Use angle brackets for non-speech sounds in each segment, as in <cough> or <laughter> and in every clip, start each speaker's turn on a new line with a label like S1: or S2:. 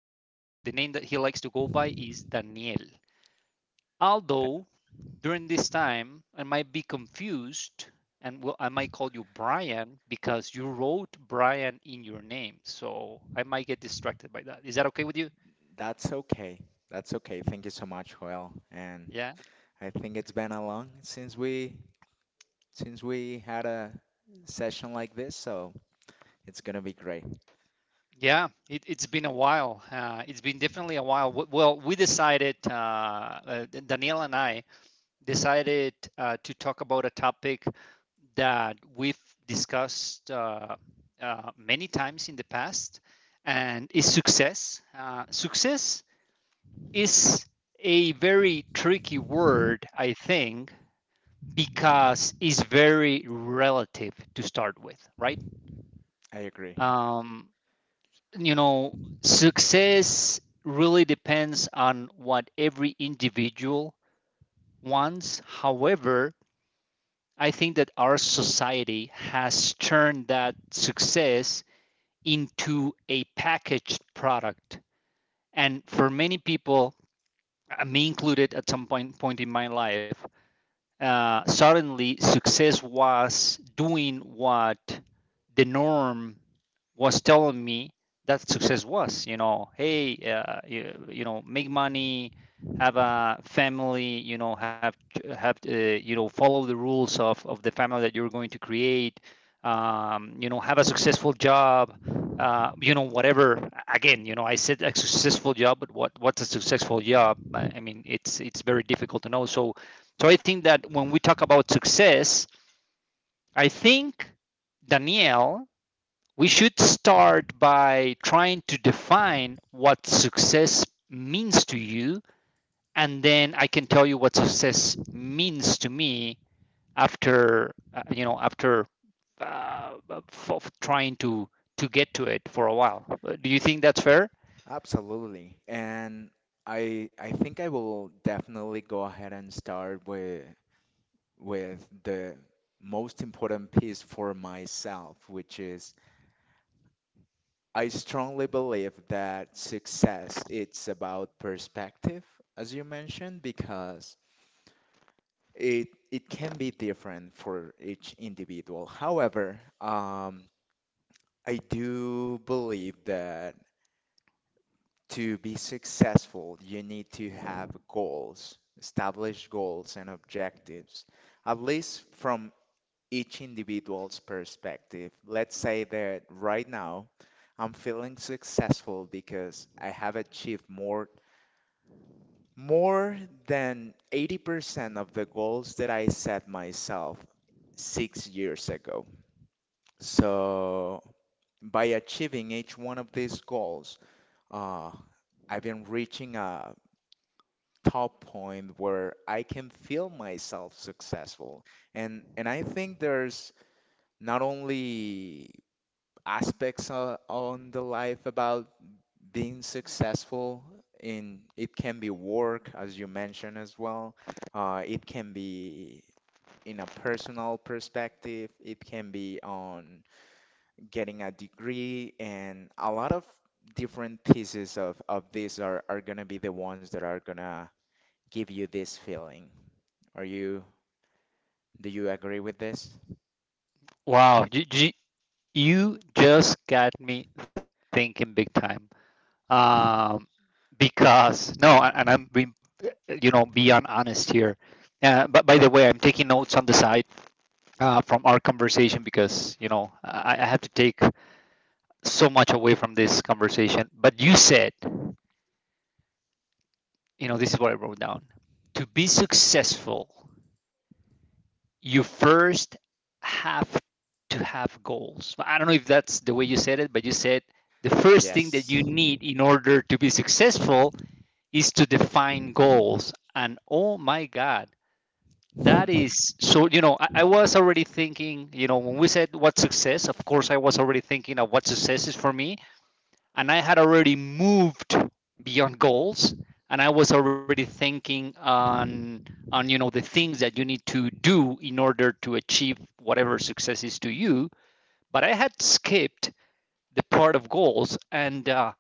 S1: and the name that he likes to go by is Daniel. Although during this time, I might be confused and will, I might call you Brian because you wrote Brian in your name. So I might get distracted by that. Is that okay with you?
S2: That's okay. That's okay. Thank you so much, Joel. And
S1: Yeah.
S2: I think it's been a long since we had a session like this, so it's gonna be great.
S1: Yeah. It's been a while. It's been definitely a while. Well, we decided, Danielle and I decided to talk about a topic that we've discussed many times in the past and is success. Success is a very tricky word, I think, because it's very relative to start with, right?
S2: I agree.
S1: Um, you know, success really depends on what every individual wants. However, I think that our society has turned that success into a packaged product. And for many people, me included at some point in my life, suddenly success was doing what the norm was telling me that success was. You know, hey, you know, make money, have a family, you know, have have you know, follow the rules of the family that you're going to create. You know, have a successful job, you know, whatever. Again, you know, I said a successful job, but what's a successful job? I mean, it's very difficult to know. So I think that when we talk about success, I think, Danielle, we should start by trying to define what success means to you. And then I can tell you what success means to me after, you know, after uh, f- trying to get to it for a while. Do you think that's fair?
S2: Absolutely. And I think I will definitely go ahead and start with the most important piece for myself, which is I strongly believe that success it's about perspective, as you mentioned, because it can be different for each individual. However, I do believe that to be successful, you need to have goals, establish goals and objectives, at least from each individual's perspective. Let's say that right now I'm feeling successful because I have achieved more than 80% of the goals that I set myself 6 years ago. So, by achieving each one of these goals, uh, I've been reaching a top point where I can feel myself successful. And I think there's not only aspects on the life about being successful in it can be work as you mentioned as well, it can be in a personal perspective, it can be on getting a degree, and a lot of different pieces of this are going to be the ones that are going to give you this feeling. Are you, do you agree with this?
S1: Wow, you you just got me thinking big time. Um, because no, and I'm being, you know, beyond honest here, but by the way, I'm taking notes on the side from our conversation because, you know, I have to take so much away from this conversation. But you said, you know, this is what I wrote down: to be successful, you first have to have goals. I don't know if that's the way you said it, but you said the first thing that
S2: Yes.
S1: you need in order to be successful is to define goals. And oh my God, that is
S2: <laughs>
S1: so, you know, I was already thinking, you know, when we said what success, of course, I was already thinking of what success is for me. And I had already moved beyond goals. And I was already thinking on, you know, the things that you need to do in order to achieve whatever success is to you. But I had skipped the part of goals. And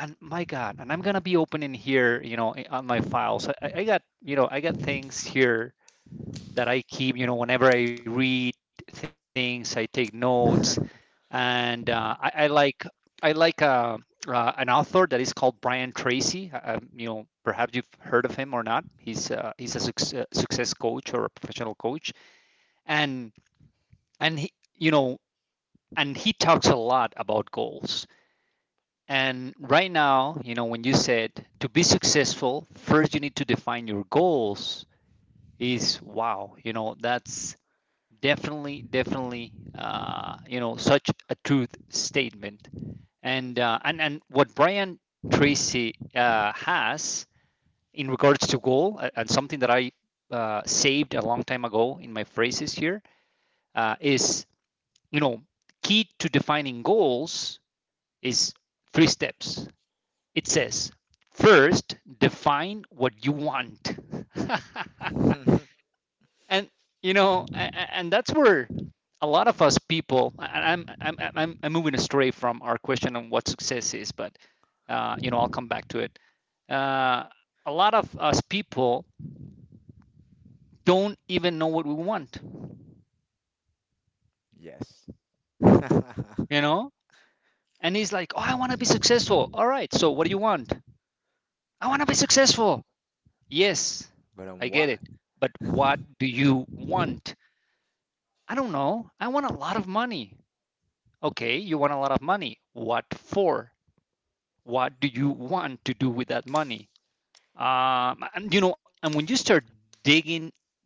S1: and my God, and I'm gonna be opening here, you know, on my files. I got, you know, I got things here that I keep. You know, whenever I read things, I take notes, and I like, I like an author that is called Brian Tracy. You know, perhaps you've heard of him or not. He's a success coach or a professional coach, and he, you know, and he talks a lot about goals. And right now, you know, when you said to be successful, first you need to define your goals. Is wow, you know, that's definitely you know, such a truth statement. And what Brian Tracy has in regards to goal, and something that I saved a long time ago in my phrases here, is, you know, key to defining goals is three steps. It says first, define what you want. <laughs> And, you know, and that's where a lot of us people, I'm moving astray from our question on what success is. But you know, I'll come back to it. Uh, a lot of us people don't even know what we want.
S2: Yes. <laughs> But
S1: You know, and he's like, oh, I want to be successful. All right, so what do you want? I want to be successful. Yes, I
S2: on
S1: get
S2: what?
S1: it, but what do you want? I don't know, I want a lot of money. Okay, you want a lot of money. What for? What do you want to do with that money? And you know, and when you start digging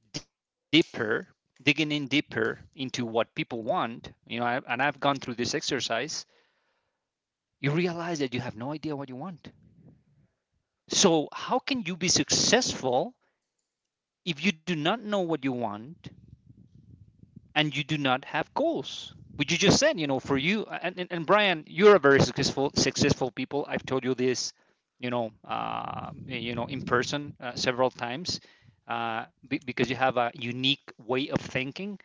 S1: deeper, digging in deeper into what people want, you know, I, and I've gone through this exercise, you realize that you have no idea what you want. So how can you be successful if you do not know what you want and you do not have goals, which you just said. You know, for you and, and Brian, you're a very successful people. I've told you this, you know, you know, in person several times, uh, because you have a unique way of thinking.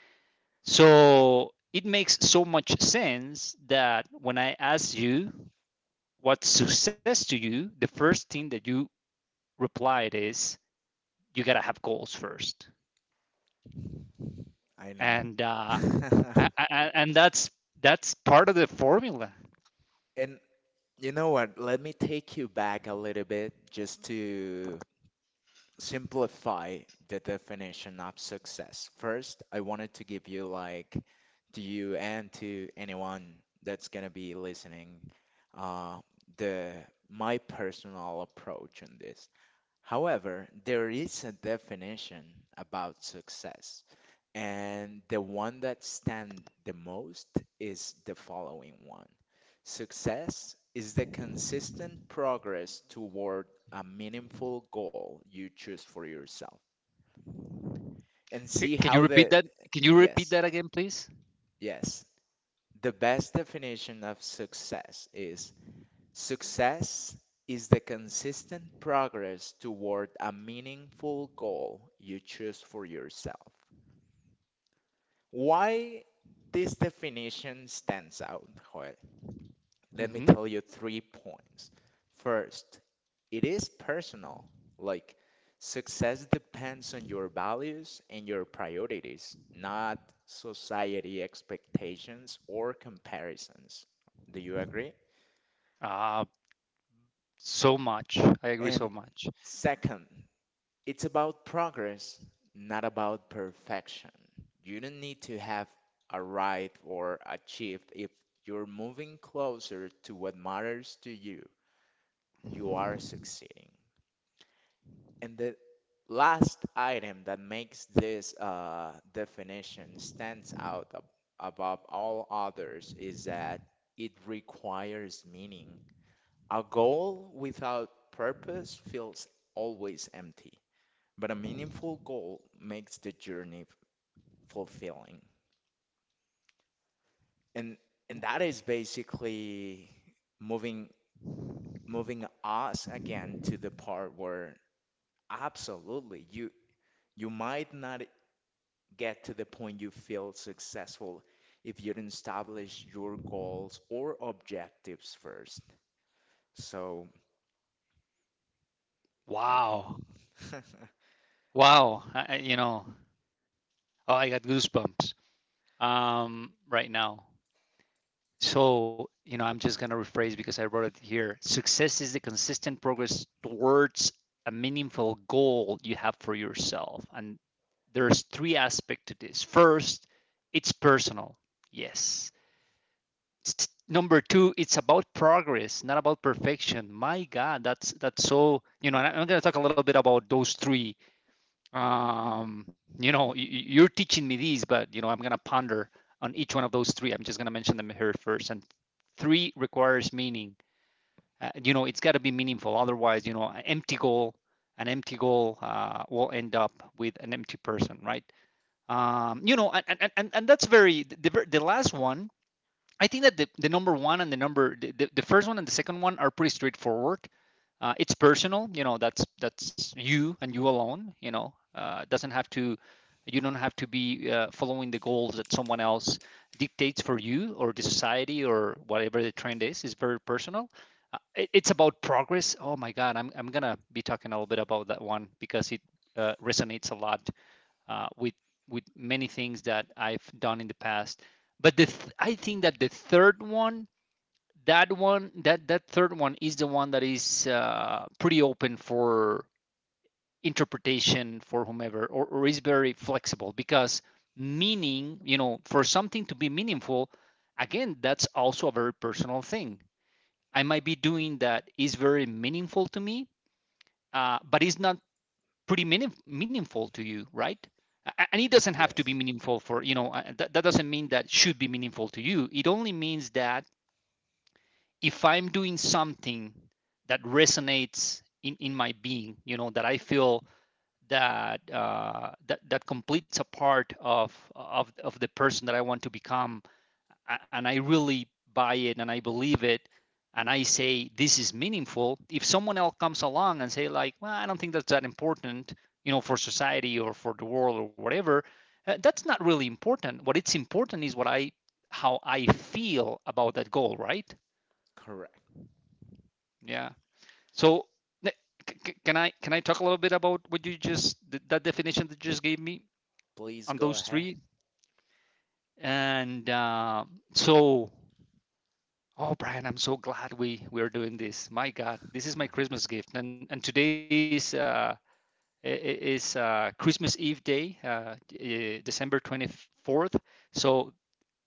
S1: So it makes so much sense that when I ask you what's success to you, the first thing that you replied is you gotta have goals first.
S2: I know.
S1: and uh,
S2: <laughs>
S1: and that's part of the formula.
S2: And you know what? Let me take you back a little bit just to simplify the definition of success. First, I wanted to give you, like, to you and to anyone that's gonna be listening, uh, the my personal approach on this. However, there is a definition about success. And the one that stand the most is the following one. Success is the consistent progress toward a meaningful goal you choose for yourself. And see
S1: Can
S2: how
S1: you repeat
S2: the,
S1: that? Can you repeat
S2: yes,
S1: that again, please?
S2: yes, the best definition of success is the consistent progress toward a meaningful goal you choose for yourself. Why this definition stands out, Joel? Let me
S1: Mm-hmm.
S2: tell you three points. First, it is personal. Like, success depends on your values and your priorities, not society expectations or comparisons. Do you agree?
S1: Uh, so much. I agree so
S2: And
S1: much.
S2: second, it's about progress, not about perfection. You don't need to have arrived or achieved if you're moving closer to what matters to you. You are succeeding. And the last item that makes this definition stands out above all others is that it requires meaning. A goal without purpose feels always empty, but a meaningful goal makes the journey fulfilling. And and that is basically moving moving us again to the part where absolutely you, you might not get to the point you feel successful if you don't establish your goals or objectives first. So I think,
S1: Wow.
S2: <laughs>
S1: Wow. You know, oh, I got goosebumps right now. So, you know, I'm just going to rephrase because I wrote it here. Success is the consistent progress towards a meaningful goal you have for yourself. And there's three aspects to this. First, it's personal. Yes. Number two, it's about progress, not about perfection. My God, that's so, you know, and I'm going to talk a little bit about those three. Um, you know, you're teaching me these, but you know, I'm going to ponder on each one of those three. I'm just going to mention them here first. And three, requires meaning. Uh, you know, it's got to be meaningful, otherwise, you know, an empty goal, an empty goal will end up with an empty person, right? Um, you know, and that's very the last one. I think that the number one and the number the first one and the second one are pretty straightforward. Uh, it's personal. You know, that's you and you alone, you know. Uh, doesn't have to, you don't have to be following the goals that someone else dictates for you or the society or whatever the trend is. Is very personal. It's about progress. Oh my God, I'm gonna be talking a little bit about that one because it resonates a lot uh, with with many things that I've done in the past. But I think that the third one, that one that that third one is the one that is pretty open for interpretation for whomever, or is very flexible because meaning, you know, for something to be meaningful, again, that's also a very personal thing. I might be doing that is very meaningful to me, but it's not pretty meaningful to you, right? And it doesn't have to be
S2: yes,
S1: meaningful for, you know, that doesn't mean that should be meaningful to you. It only means that if I'm doing something that resonates in my being, you know, that I feel that that that completes a part of of the person that I want to become, and I really buy it and I believe it, and I say this is meaningful. If someone else comes along and say like, well, I don't think that's that important, you know, for society or for the world or whatever, that's not really important. What it's important is what I, how I feel about that goal, right?
S2: correct.
S1: Yeah. So can I talk a little bit about what you just, that definition that you just gave me
S2: Please
S1: on
S2: go
S1: those
S2: ahead.
S1: three? And so, oh, Brian, I'm so glad we're doing this. My God, this is my Christmas gift, and today is Christmas Eve day, December 24th. So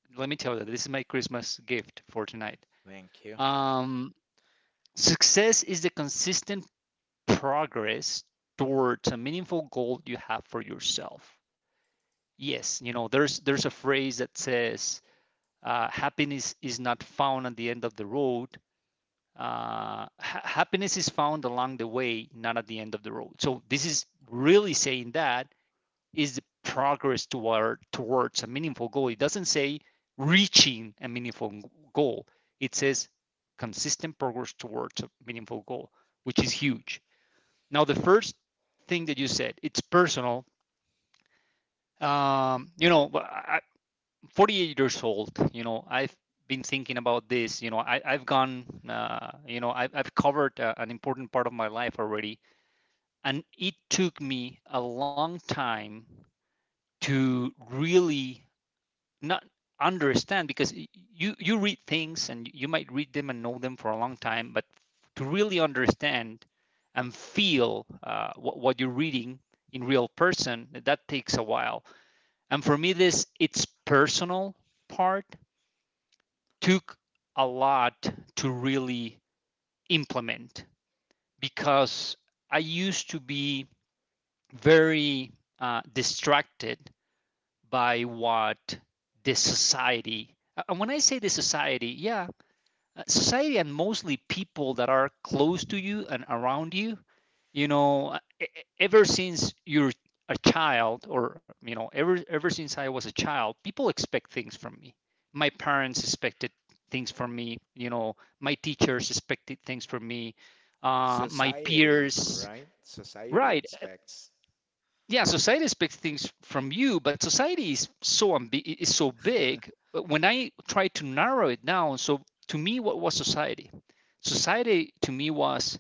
S1: let me tell you, this is my Christmas gift for tonight.
S2: Thank you.
S1: Um, success is the consistent progress towards a meaningful goal you have for yourself. Yes, you know, there's a phrase that says happiness is not found at the end of the road. Happiness is found along the way, not at the end of the road. So this is really saying that is the progress towards a meaningful goal. It doesn't say reaching a meaningful goal. It says consistent progress towards a meaningful goal, which is huge. Now, the first thing that you said, it's personal. Um, you know, I, 48 years old, I've been thinking about this. You know, I've gone, I've covered an important part of my life already. And it took me a long time to really not understand because you read things and you might read them and know them for a long time, but to really understand and feel what you're reading in real person, that takes a while. And for me, this it's personal part took a lot to really implement because I used to be very distracted by what the society and when I say the society, yeah, society, and mostly people that are close to you and around you, you know. Ever since you're a child, or you know, ever since I was a child, people expect things from me. My parents expected things from me, you know, my teachers expected things from me, my
S2: Society,
S1: peers.
S2: right? Society
S1: Right.
S2: expects.
S1: Yeah, society expects things from you, but society is so ambi- is so big. But when I try to narrow it down, so to me, what was society? Society to me was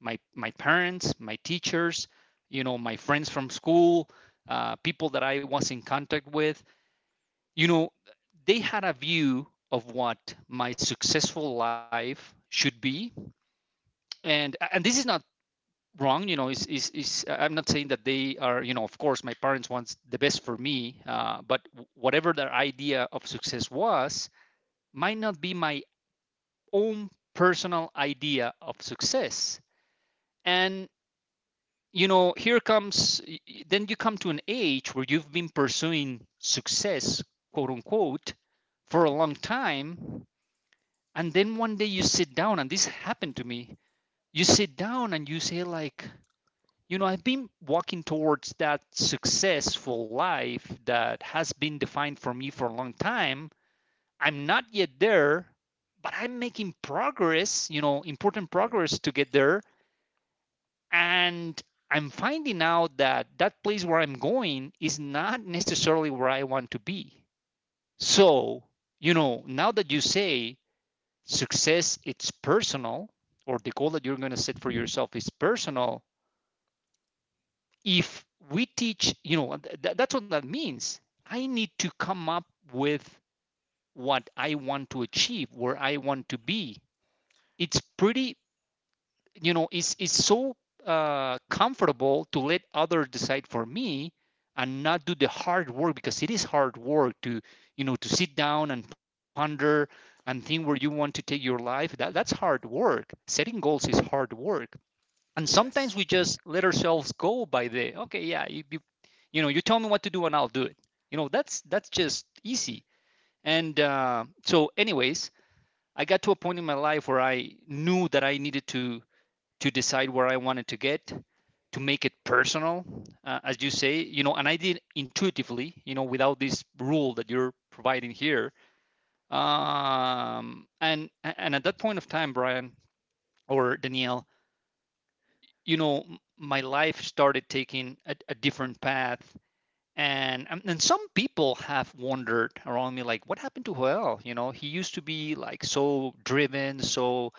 S1: my parents, my teachers, you know, my friends from school, people that I was in contact with, you know. They had a view of what my successful life should be. And this is not wrong, you know, is I am not saying that they are, you know. Of course my parents wants the best for me, but whatever their idea of success was might not be my own personal idea of success. And you know, here comes, then you come to an age where you've been pursuing success, quote unquote, for a long time. And then one day you sit down, and this happened to me, you sit down and you say like, you know, I've been walking towards that successful life that has been defined for me for a long time. I'm not yet there, but I'm making progress, you know, important
S2: Yeah.
S1: progress to get there. And I'm finding out that that place where I'm going is not necessarily where I want to be. So, you know, now that you say success, it's personal, or the goal that you're going to set for yourself is personal, if we teach, you know, that's what that means. I need to come up with what I want to achieve, where I want to be. It's pretty, you know, it's so comfortable to let others decide for me and not do the hard work, because it is hard work to, you know, to sit down and ponder and think where you want to take your life. That's hard work. Setting goals is hard work. And sometimes we
S2: Yes,
S1: just let ourselves go by the, okay, yeah, it'd, you know, you tell me what to do and I'll do it, you know. That's just easy. And so anyways, I got to a point in my life where I knew that I needed to decide where I wanted to get, to make it personal, as you say, you know. And I did intuitively, you know, without this rule that you're providing here. And at that point of time, Brian, or Danielle, you know, my life started taking a different path. And some people have wondered around me, like, what happened to Joel? You know, he used to be like so driven, so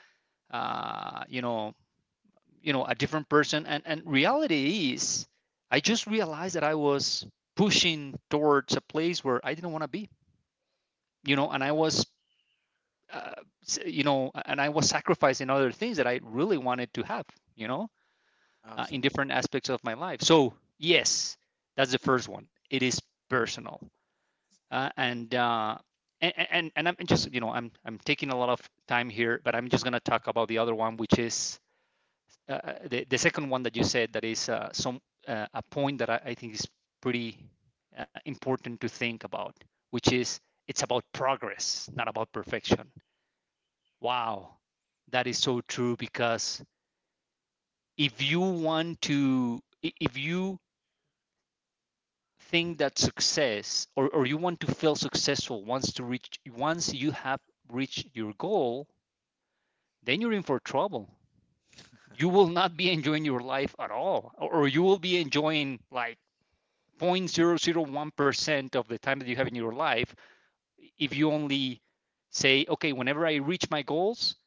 S1: uh, you know you know, a different person. And reality is, I just realized that I was pushing towards a place where I didn't want to be, you know. And I was uh, you know, and I was sacrificing other things that I really wanted to have, you know, in
S2: absolutely.
S1: different aspects of my life. So yes, that's the first one. It is personal. Uh, and uh, and, and and I'm just, you know, I'm taking a lot of time here, but I'm just gonna talk about the other one, which is the second one that you said, that is some a point that I think is pretty important to think about, which is it's about progress, not about perfection. Wow, that is so true, because if you want to, if you think that success, or you want to feel successful once to reach, once you have reached your goal, then you're in for trouble. You will not be enjoying your life at all, or you will be enjoying like 0.001% of the time that you have in your life, if you only say, okay, whenever I reach my goals,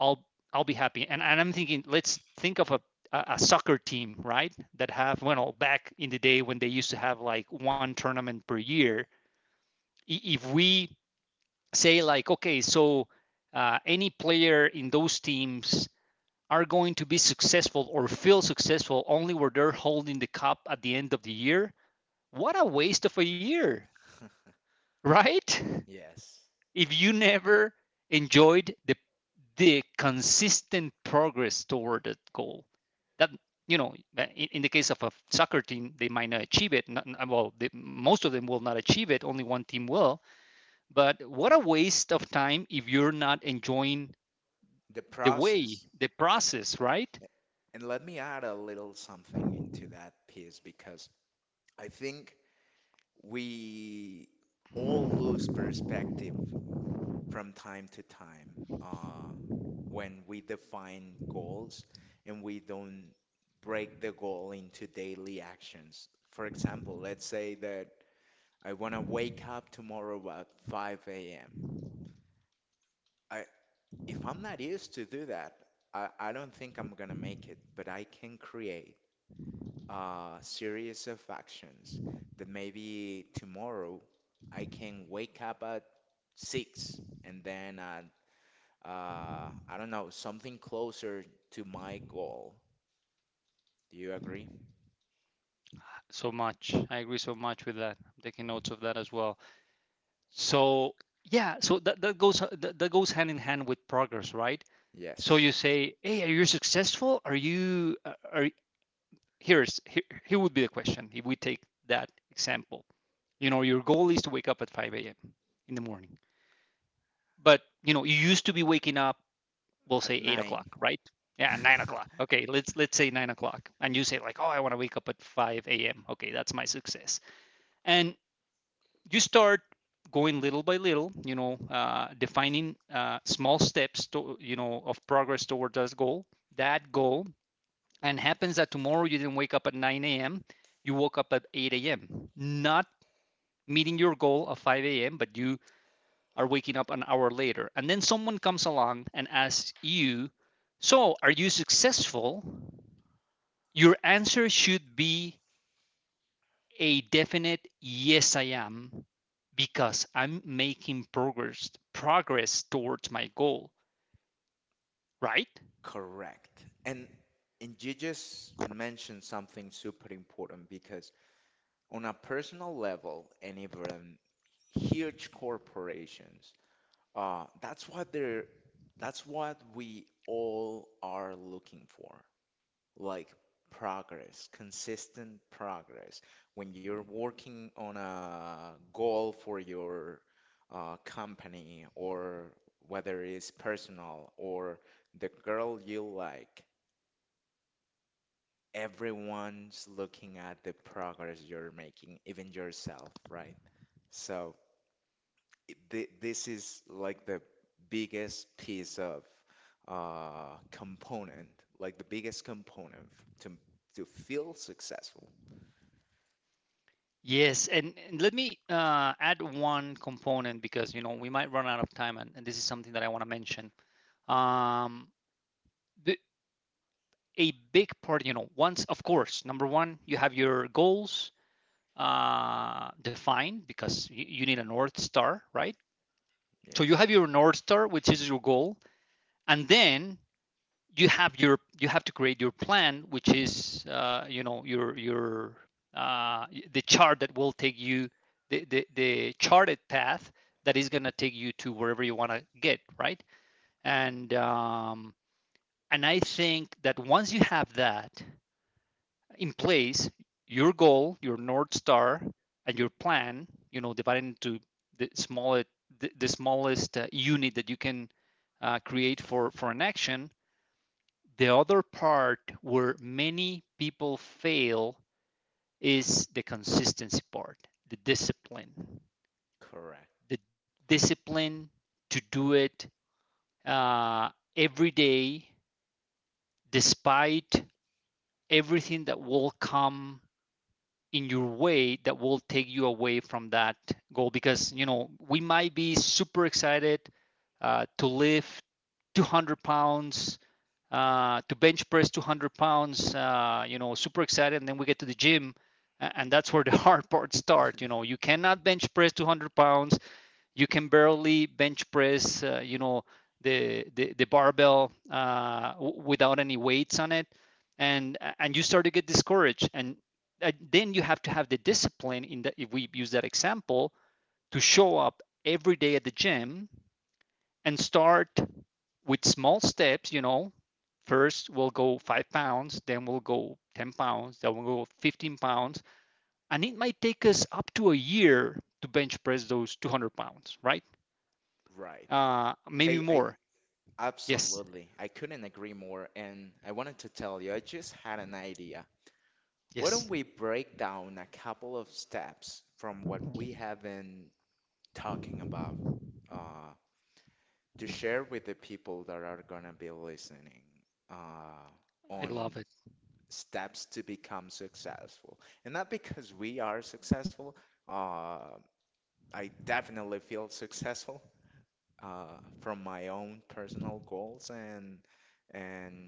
S1: i'll I'll be happy. And I'm thinking, let's think of a a soccer team, right? That have, well, back in the day when they used to have like one tournament per year, if we say like, okay, so any player in those teams are going to be successful, or feel successful only where they're holding the cup at the end of the year, what a waste of a year, right?
S2: Yes.
S1: <laughs> If you never enjoyed the consistent progress toward that goal, that, you know, in the case of a soccer team, they might not achieve it. Not, well, they, most of them will not achieve it. Only one team will. But what a waste of time if you're not enjoying
S2: The
S1: the way,
S2: process.
S1: the process, right?
S2: A- And let me add a little something into that piece because I think we all lose perspective from time to time, uh, when we define goals and we don't break the goal into daily actions. For example, let's say that I want to wake up tomorrow at 5 a.m. If I'm not used to do that, I don't think I'm gonna make it, but I can create a series of actions that maybe tomorrow I can wake up at 6 and then at, I don't know, something closer to my goal. Do you agree?
S1: So much. I agree so much with that. I'm taking notes of that as well. So yeah, so that, that goes, that, that goes hand in hand with progress, right? So you
S2: Yes,
S1: say, hey, are you successful? Are you here would be the question if we take that example. You know, your goal is to wake up at 5 a.m. in the morning, but you know, you used to be waking up, we'll
S2: at
S1: say eight
S2: nine.
S1: o'clock, right? Yeah, nine
S2: <laughs>
S1: o'clock. Okay, let's say 9 o'clock, and you say like, oh, I want to wake up at five a.m. Okay, that's my success, and you start going little by little, you know, defining small steps to, you know, of progress towards that goal. That goal, and happens that tomorrow you didn't wake up at nine a.m. You woke up at eight a.m. Not meeting your goal of 5 a.m., but you are waking up an hour later. And then someone comes along and asks you, so, are you successful? Your answer should be a definite yes, I am, because I'm making progress, progress towards my goal, right?
S2: Correct. And and you just mentioned something super important because on a personal level and even huge corporations, that's what they're, that's what we all are looking for. Like progress, consistent progress. When you're working on a goal for your, company, or whether it's personal or the girl you like, everyone's looking at the progress you're making, even yourself, right? So this is like the biggest piece of, component, like the biggest component to to feel successful.
S1: Yes, and let me add one component, because you know we might run out of time, and this is something that I want to mention. Um, the, a big part, you know, once, of course, number one, you have your goals, defined, because you need a north star, right? So you
S2: Yes,
S1: have your north star, which is your goal, and then you have your, you have to create your plan, which is, you know, your uh, the chart that will take you, the charted path that is going to take you to wherever you want to get, right? And um, and I think that once you have that in place, your goal, your north star, and your plan, you know, divided into the smallest, the smallest unit that you can create for an action. The other part where many people fail is the consistency part, the discipline,
S2: correct.
S1: the discipline to do it uh, every day, despite everything that will come in your way, that will take you away from that goal, because you know we might be super excited uh, to lift 200 pounds uh, to bench press 200 pounds, you know, super excited, and then we get to the gym, and that's where the <laughs> hard part starts. You know, you cannot bench press 200 pounds, you can barely bench press, the barbell without any weights on it. And you start to get discouraged, and then you have to have the discipline in that. If we use that example, to show up every day at the gym and start with small steps, you know, first we'll go 5 pounds, then we'll go 10 pounds, then we'll go 15 pounds. And it might take us up to a year to bench press those 200 pounds, right?
S2: Right.
S1: Maybe
S2: Hey, I
S1: more. Yes,
S2: absolutely. I couldn't agree more. And I wanted to tell you, I just had an idea. Why don't
S1: yes,
S2: we break down a couple of steps from what we have been talking about, uh, to share with the people that are gonna be listening, uh,
S1: I
S2: on
S1: love it.
S2: steps to become successful. And not because we are successful, uh, I definitely feel successful uh, from my own personal goals and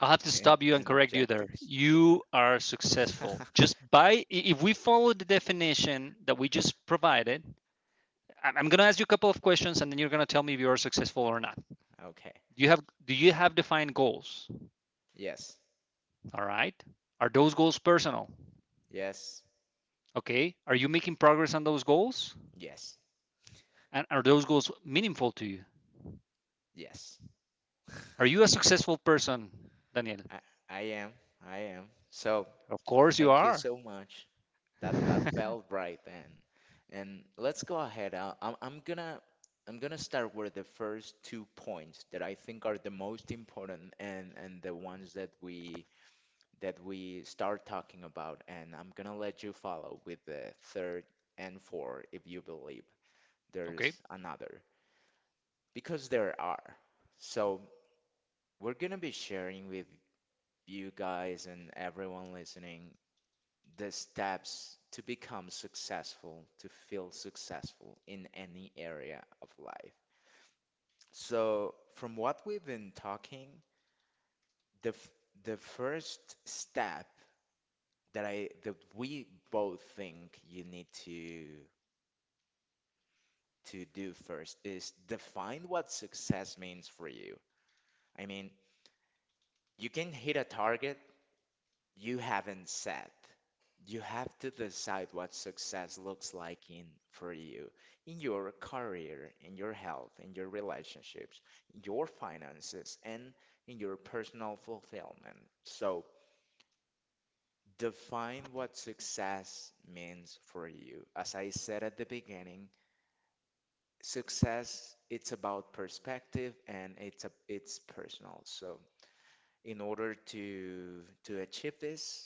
S1: I'll have to stop you and
S2: and
S1: correct you there.
S2: objectives.
S1: You are successful
S2: <laughs>
S1: just by, if we follow the definition that we just provided. I'm going to ask you a couple of questions, and then you're going to tell me if you are successful or not.
S2: Okay.
S1: Do you have defined goals?
S2: Yes.
S1: All right. Are those goals personal?
S2: Yes.
S1: Okay. Are you making progress on those goals?
S2: Yes.
S1: And are those goals meaningful to you?
S2: Yes. <laughs> I,
S1: Are you a successful person, Daniel?
S2: I am. I am. So
S1: Of course you
S2: thank you
S1: are.
S2: so
S1: <laughs>
S2: much. That that felt right and let's go ahead. I'm gonna start with the first two points that I think are the most important and the ones that we start talking about, and I'm gonna let you follow with the third and four if you believe
S1: Okay.
S2: there's another, because there are. So, we're gonna be sharing with you guys and everyone listening the steps to become successful, to feel successful in any area of life. So, from what we've been talking, the f- the first step that I that we both think you need to do first is define what success means for you. I mean, you can hit a target you haven't set. You have to decide what success looks like in for you, in your career, in your health, in your relationships, in your finances, and in your personal fulfillment. So, define what success means for you. As I said at the beginning, success it's about perspective and it's a, it's personal, so in order to achieve this,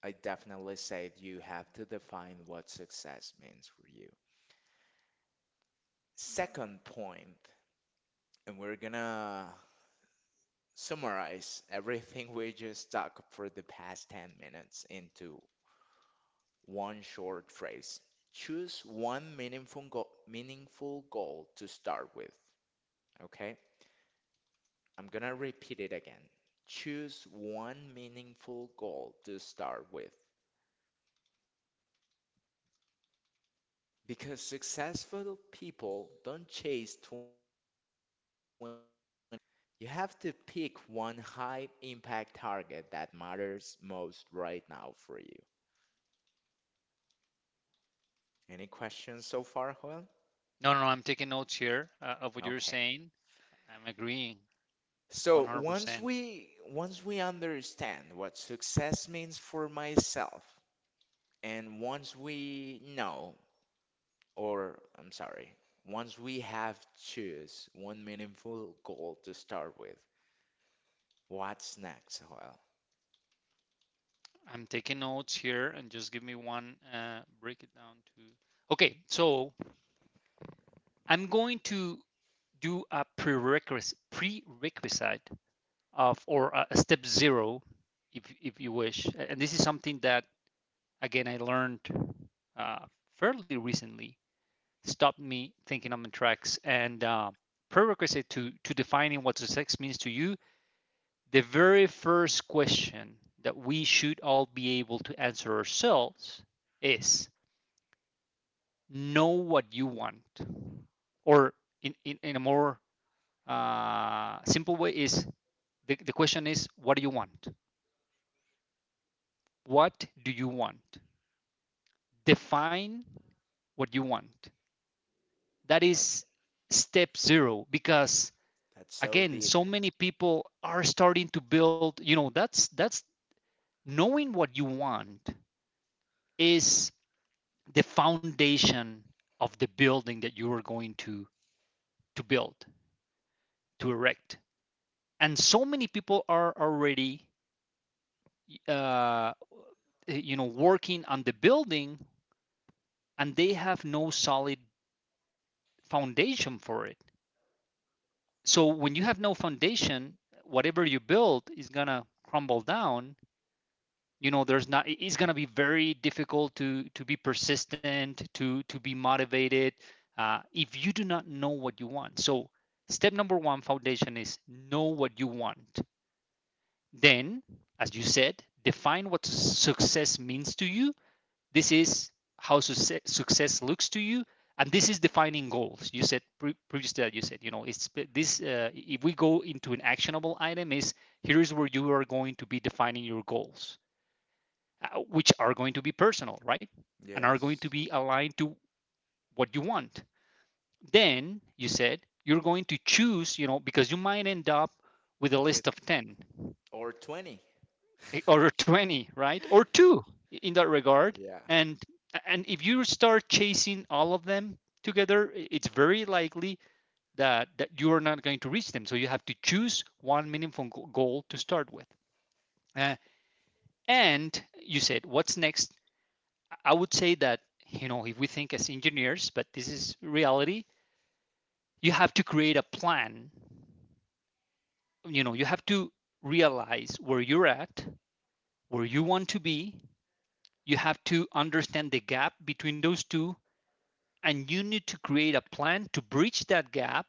S2: I definitely say you have to define what success means for you. Second point, and we're gonna summarize everything we just talked for the past 10 minutes into one short phrase: choose one meaningful goal, meaningful goal to start with. Okay, I'm gonna repeat it again. Choose one meaningful goal to start with, because successful people don't chase 20 goals at once, right, Joel? You have to pick one high impact target that matters most right now for you. Any questions so far, Joel?
S1: No, no, no. I'm taking notes here of what you're
S2: Okay.
S1: saying. I'm agreeing
S2: So
S1: 100%.
S2: once we understand what success means for myself, and once we know, or I'm sorry, once we have choose one meaningful goal to start with, what's next? Well,
S1: I'm taking notes here and just give me one, break it down to. Okay, so I'm going to do a prerequisite of, or a step zero, if you wish. And this is something that, again, I learned uh, fairly recently, stopped me thinking on my tracks. And prerequisite to defining what success means to you, the very first question that we should all be able to answer ourselves is know what you want. Or in a more simple way is the question is, what do you want? What do you want? Define what you want. That
S2: that
S1: is step zero, because
S2: that's so
S1: again, so
S2: deep.
S1: many people are starting to build, you know, that's knowing what you want is the foundation of the building that you are going to build, to erect. And so many people are already uh, you know, working on the building, and they have no solid foundation for it. So when you have no foundation, whatever you build is gonna crumble down. You know, there's not, it's going to be very difficult to be persistent, to be motivated if you do not know what you want. So step number one, foundation, is know what you want. Then, as you said, define what success means to you. This is how success looks to you. And this is defining goals. You said previously that you said, you know, it's this. If we go into an actionable item, is, here is where you are going to be defining your goals, which are going to be personal, right? And are going to
S2: Yes.
S1: be aligned to what you want. Then you said you're going to choose, you know, because you might end up with a
S2: With
S1: list of 10
S2: or 20.
S1: or <laughs> 20, right? Or two in that regard.
S2: Yeah.
S1: And if you start chasing all of them together, it's very likely that you are not going to reach them. So you have to choose one meaningful goal to start with. Uh, and you said, what's next? I would say that, you know, if we think as engineers, but this is reality, you have to create a plan. You know, you have to realize where you're at, where you want to be. You have to understand the gap between those two, and you need to create a plan to bridge that gap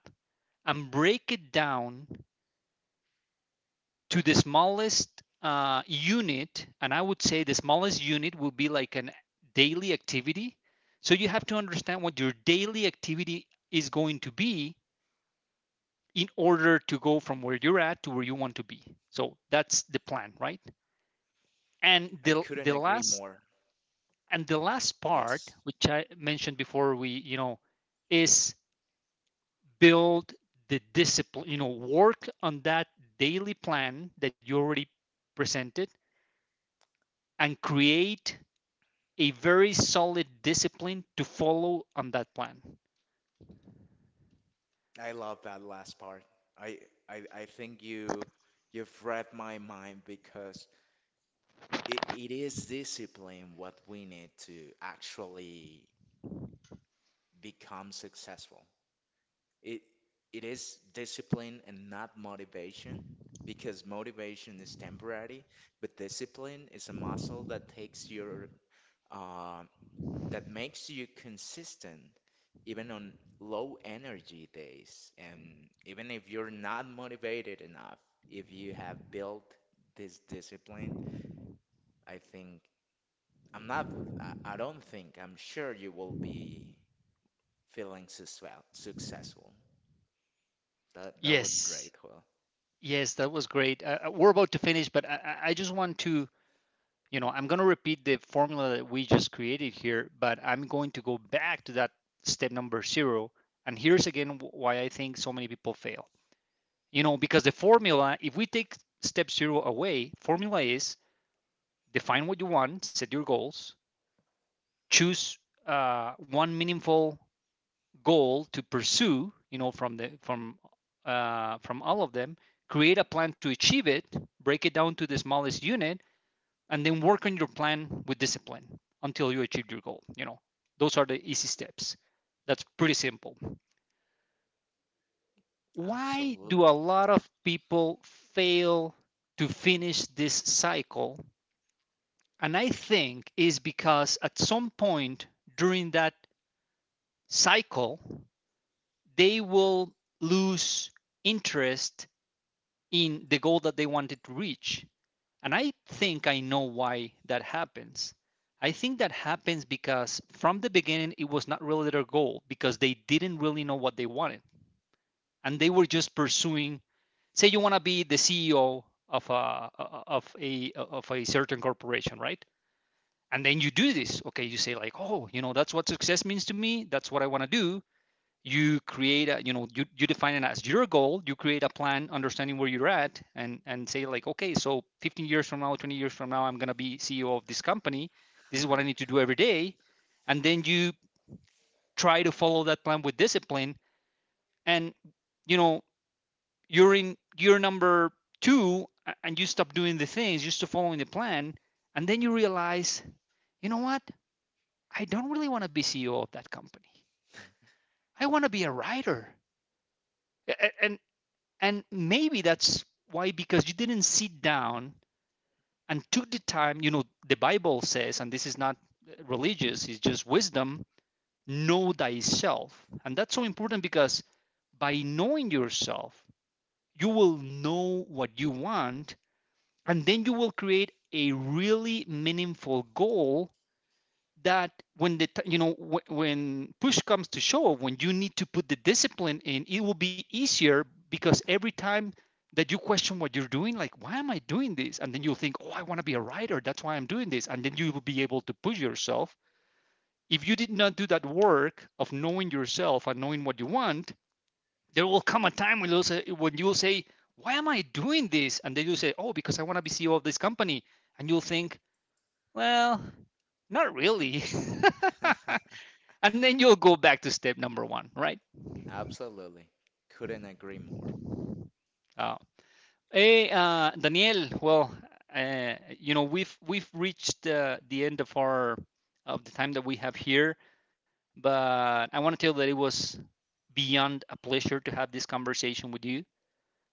S1: and break it down to the smallest unit. And I would say the smallest unit will be like an daily activity. So you have to understand what your daily activity is going to be in order to go from where you're at to where you want to be. So that's the plan, right?
S2: I
S1: And
S2: couldn't agree
S1: the
S2: more.
S1: last, and the last
S2: Yes.
S1: part, which I mentioned before, we, you know, is build the discipline. You know, work on that daily plan that you already presented, and create a very solid discipline to follow on that plan.
S2: I love that last part. I I think you, you've read my mind because it is discipline what we need to actually become successful. It it is discipline and not motivation, because motivation is temporary, but discipline is a muscle that takes your, uh, that makes you consistent even on low energy days. And even if you're not motivated enough, if you have built this discipline, I think I'm not. I don't think I'm sure you will be feeling success, successful. That that was
S1: Yes,
S2: great, well.
S1: yes, that was great. We're about to finish, but I just want to, you know, I'm going to repeat the formula that we just created here, but I'm going to go back to that step number zero. And here's again why I think so many people fail. You know, because the formula, if we take step zero away, formula is define what you want, set your goals, choose one meaningful goal to pursue. You know, from all of them, create a plan to achieve it, break it down to the smallest unit, and then work on your plan with discipline until you achieve your goal. You know, those are the easy steps. That's pretty simple. Why do a
S2: Absolutely.
S1: lot of people fail to finish this cycle? And I think is because at some point during that cycle they will lose interest in the goal that they wanted to reach. And I think I know why that happens. I think that happens because from the beginning, it was not really their goal, because they didn't really know what they wanted. And they were just pursuing, say, you want to be the CEO of a, of a certain corporation, right? And then you do this. Okay. You say, like, oh, you know, that's what success means to me. That's what I want to do. You create a, you know, you define it as your goal, you create a plan understanding where you're at, and say, like, okay, so 15 years from now, 20 years from now, I'm going to be CEO of this company. This is what I need to do every day. And then you try to follow that plan with discipline, and, you know, you're in year number two, and you stop doing the things, you stop following the plan. And then you realize, you know what, I don't really want to be CEO of that company. I want to be a writer. and and maybe that's why, because you didn't sit down and took the time. You know, the Bible says, and this is not religious, it's just wisdom, know thyself. And that's so important, because by knowing yourself, you will know what you want, and then you will create a really meaningful goal that, when the, you know, when push comes to shove, when you need to put the discipline in, it will be easier, because every time that you question what you're doing, like, why am I doing this? And then you'll think, oh, I want to be a writer, that's why I'm doing this. And then you will be able to push yourself. If you did not do that work of knowing yourself and knowing what you want, there will come a time when when you'll say, why am I doing this? And then you'll say, oh, because I want to be CEO of this company. And you'll think, well, not really.
S2: <laughs>
S1: <laughs> And then you'll go back to step number one, right?
S2: Absolutely. Couldn't agree more.
S1: Uh, Hey, Daniel. Well, you know, we've reached the end of our, of the time that we have here, but I want to tell you that it was beyond a pleasure to have this conversation with you.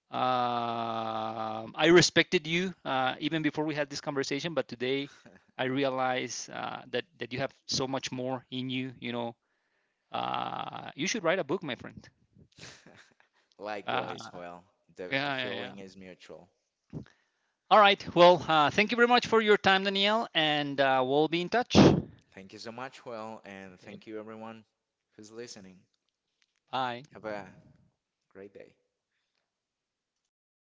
S1: Um, I respected you even before we had this conversation, but today I realize that you have so much more in you. You know, you should write a book, my friend.
S2: <laughs>
S1: Uh,
S2: Likewise, well, the
S1: yeah, yeah,
S2: feeling
S1: yeah.
S2: is mutual.
S1: All right. Well, thank you very much for your time, Danielle, and we'll be in touch. Okay.
S2: Thank you so much, well, and thank you everyone who's listening.
S1: Bye.
S2: Have a great day.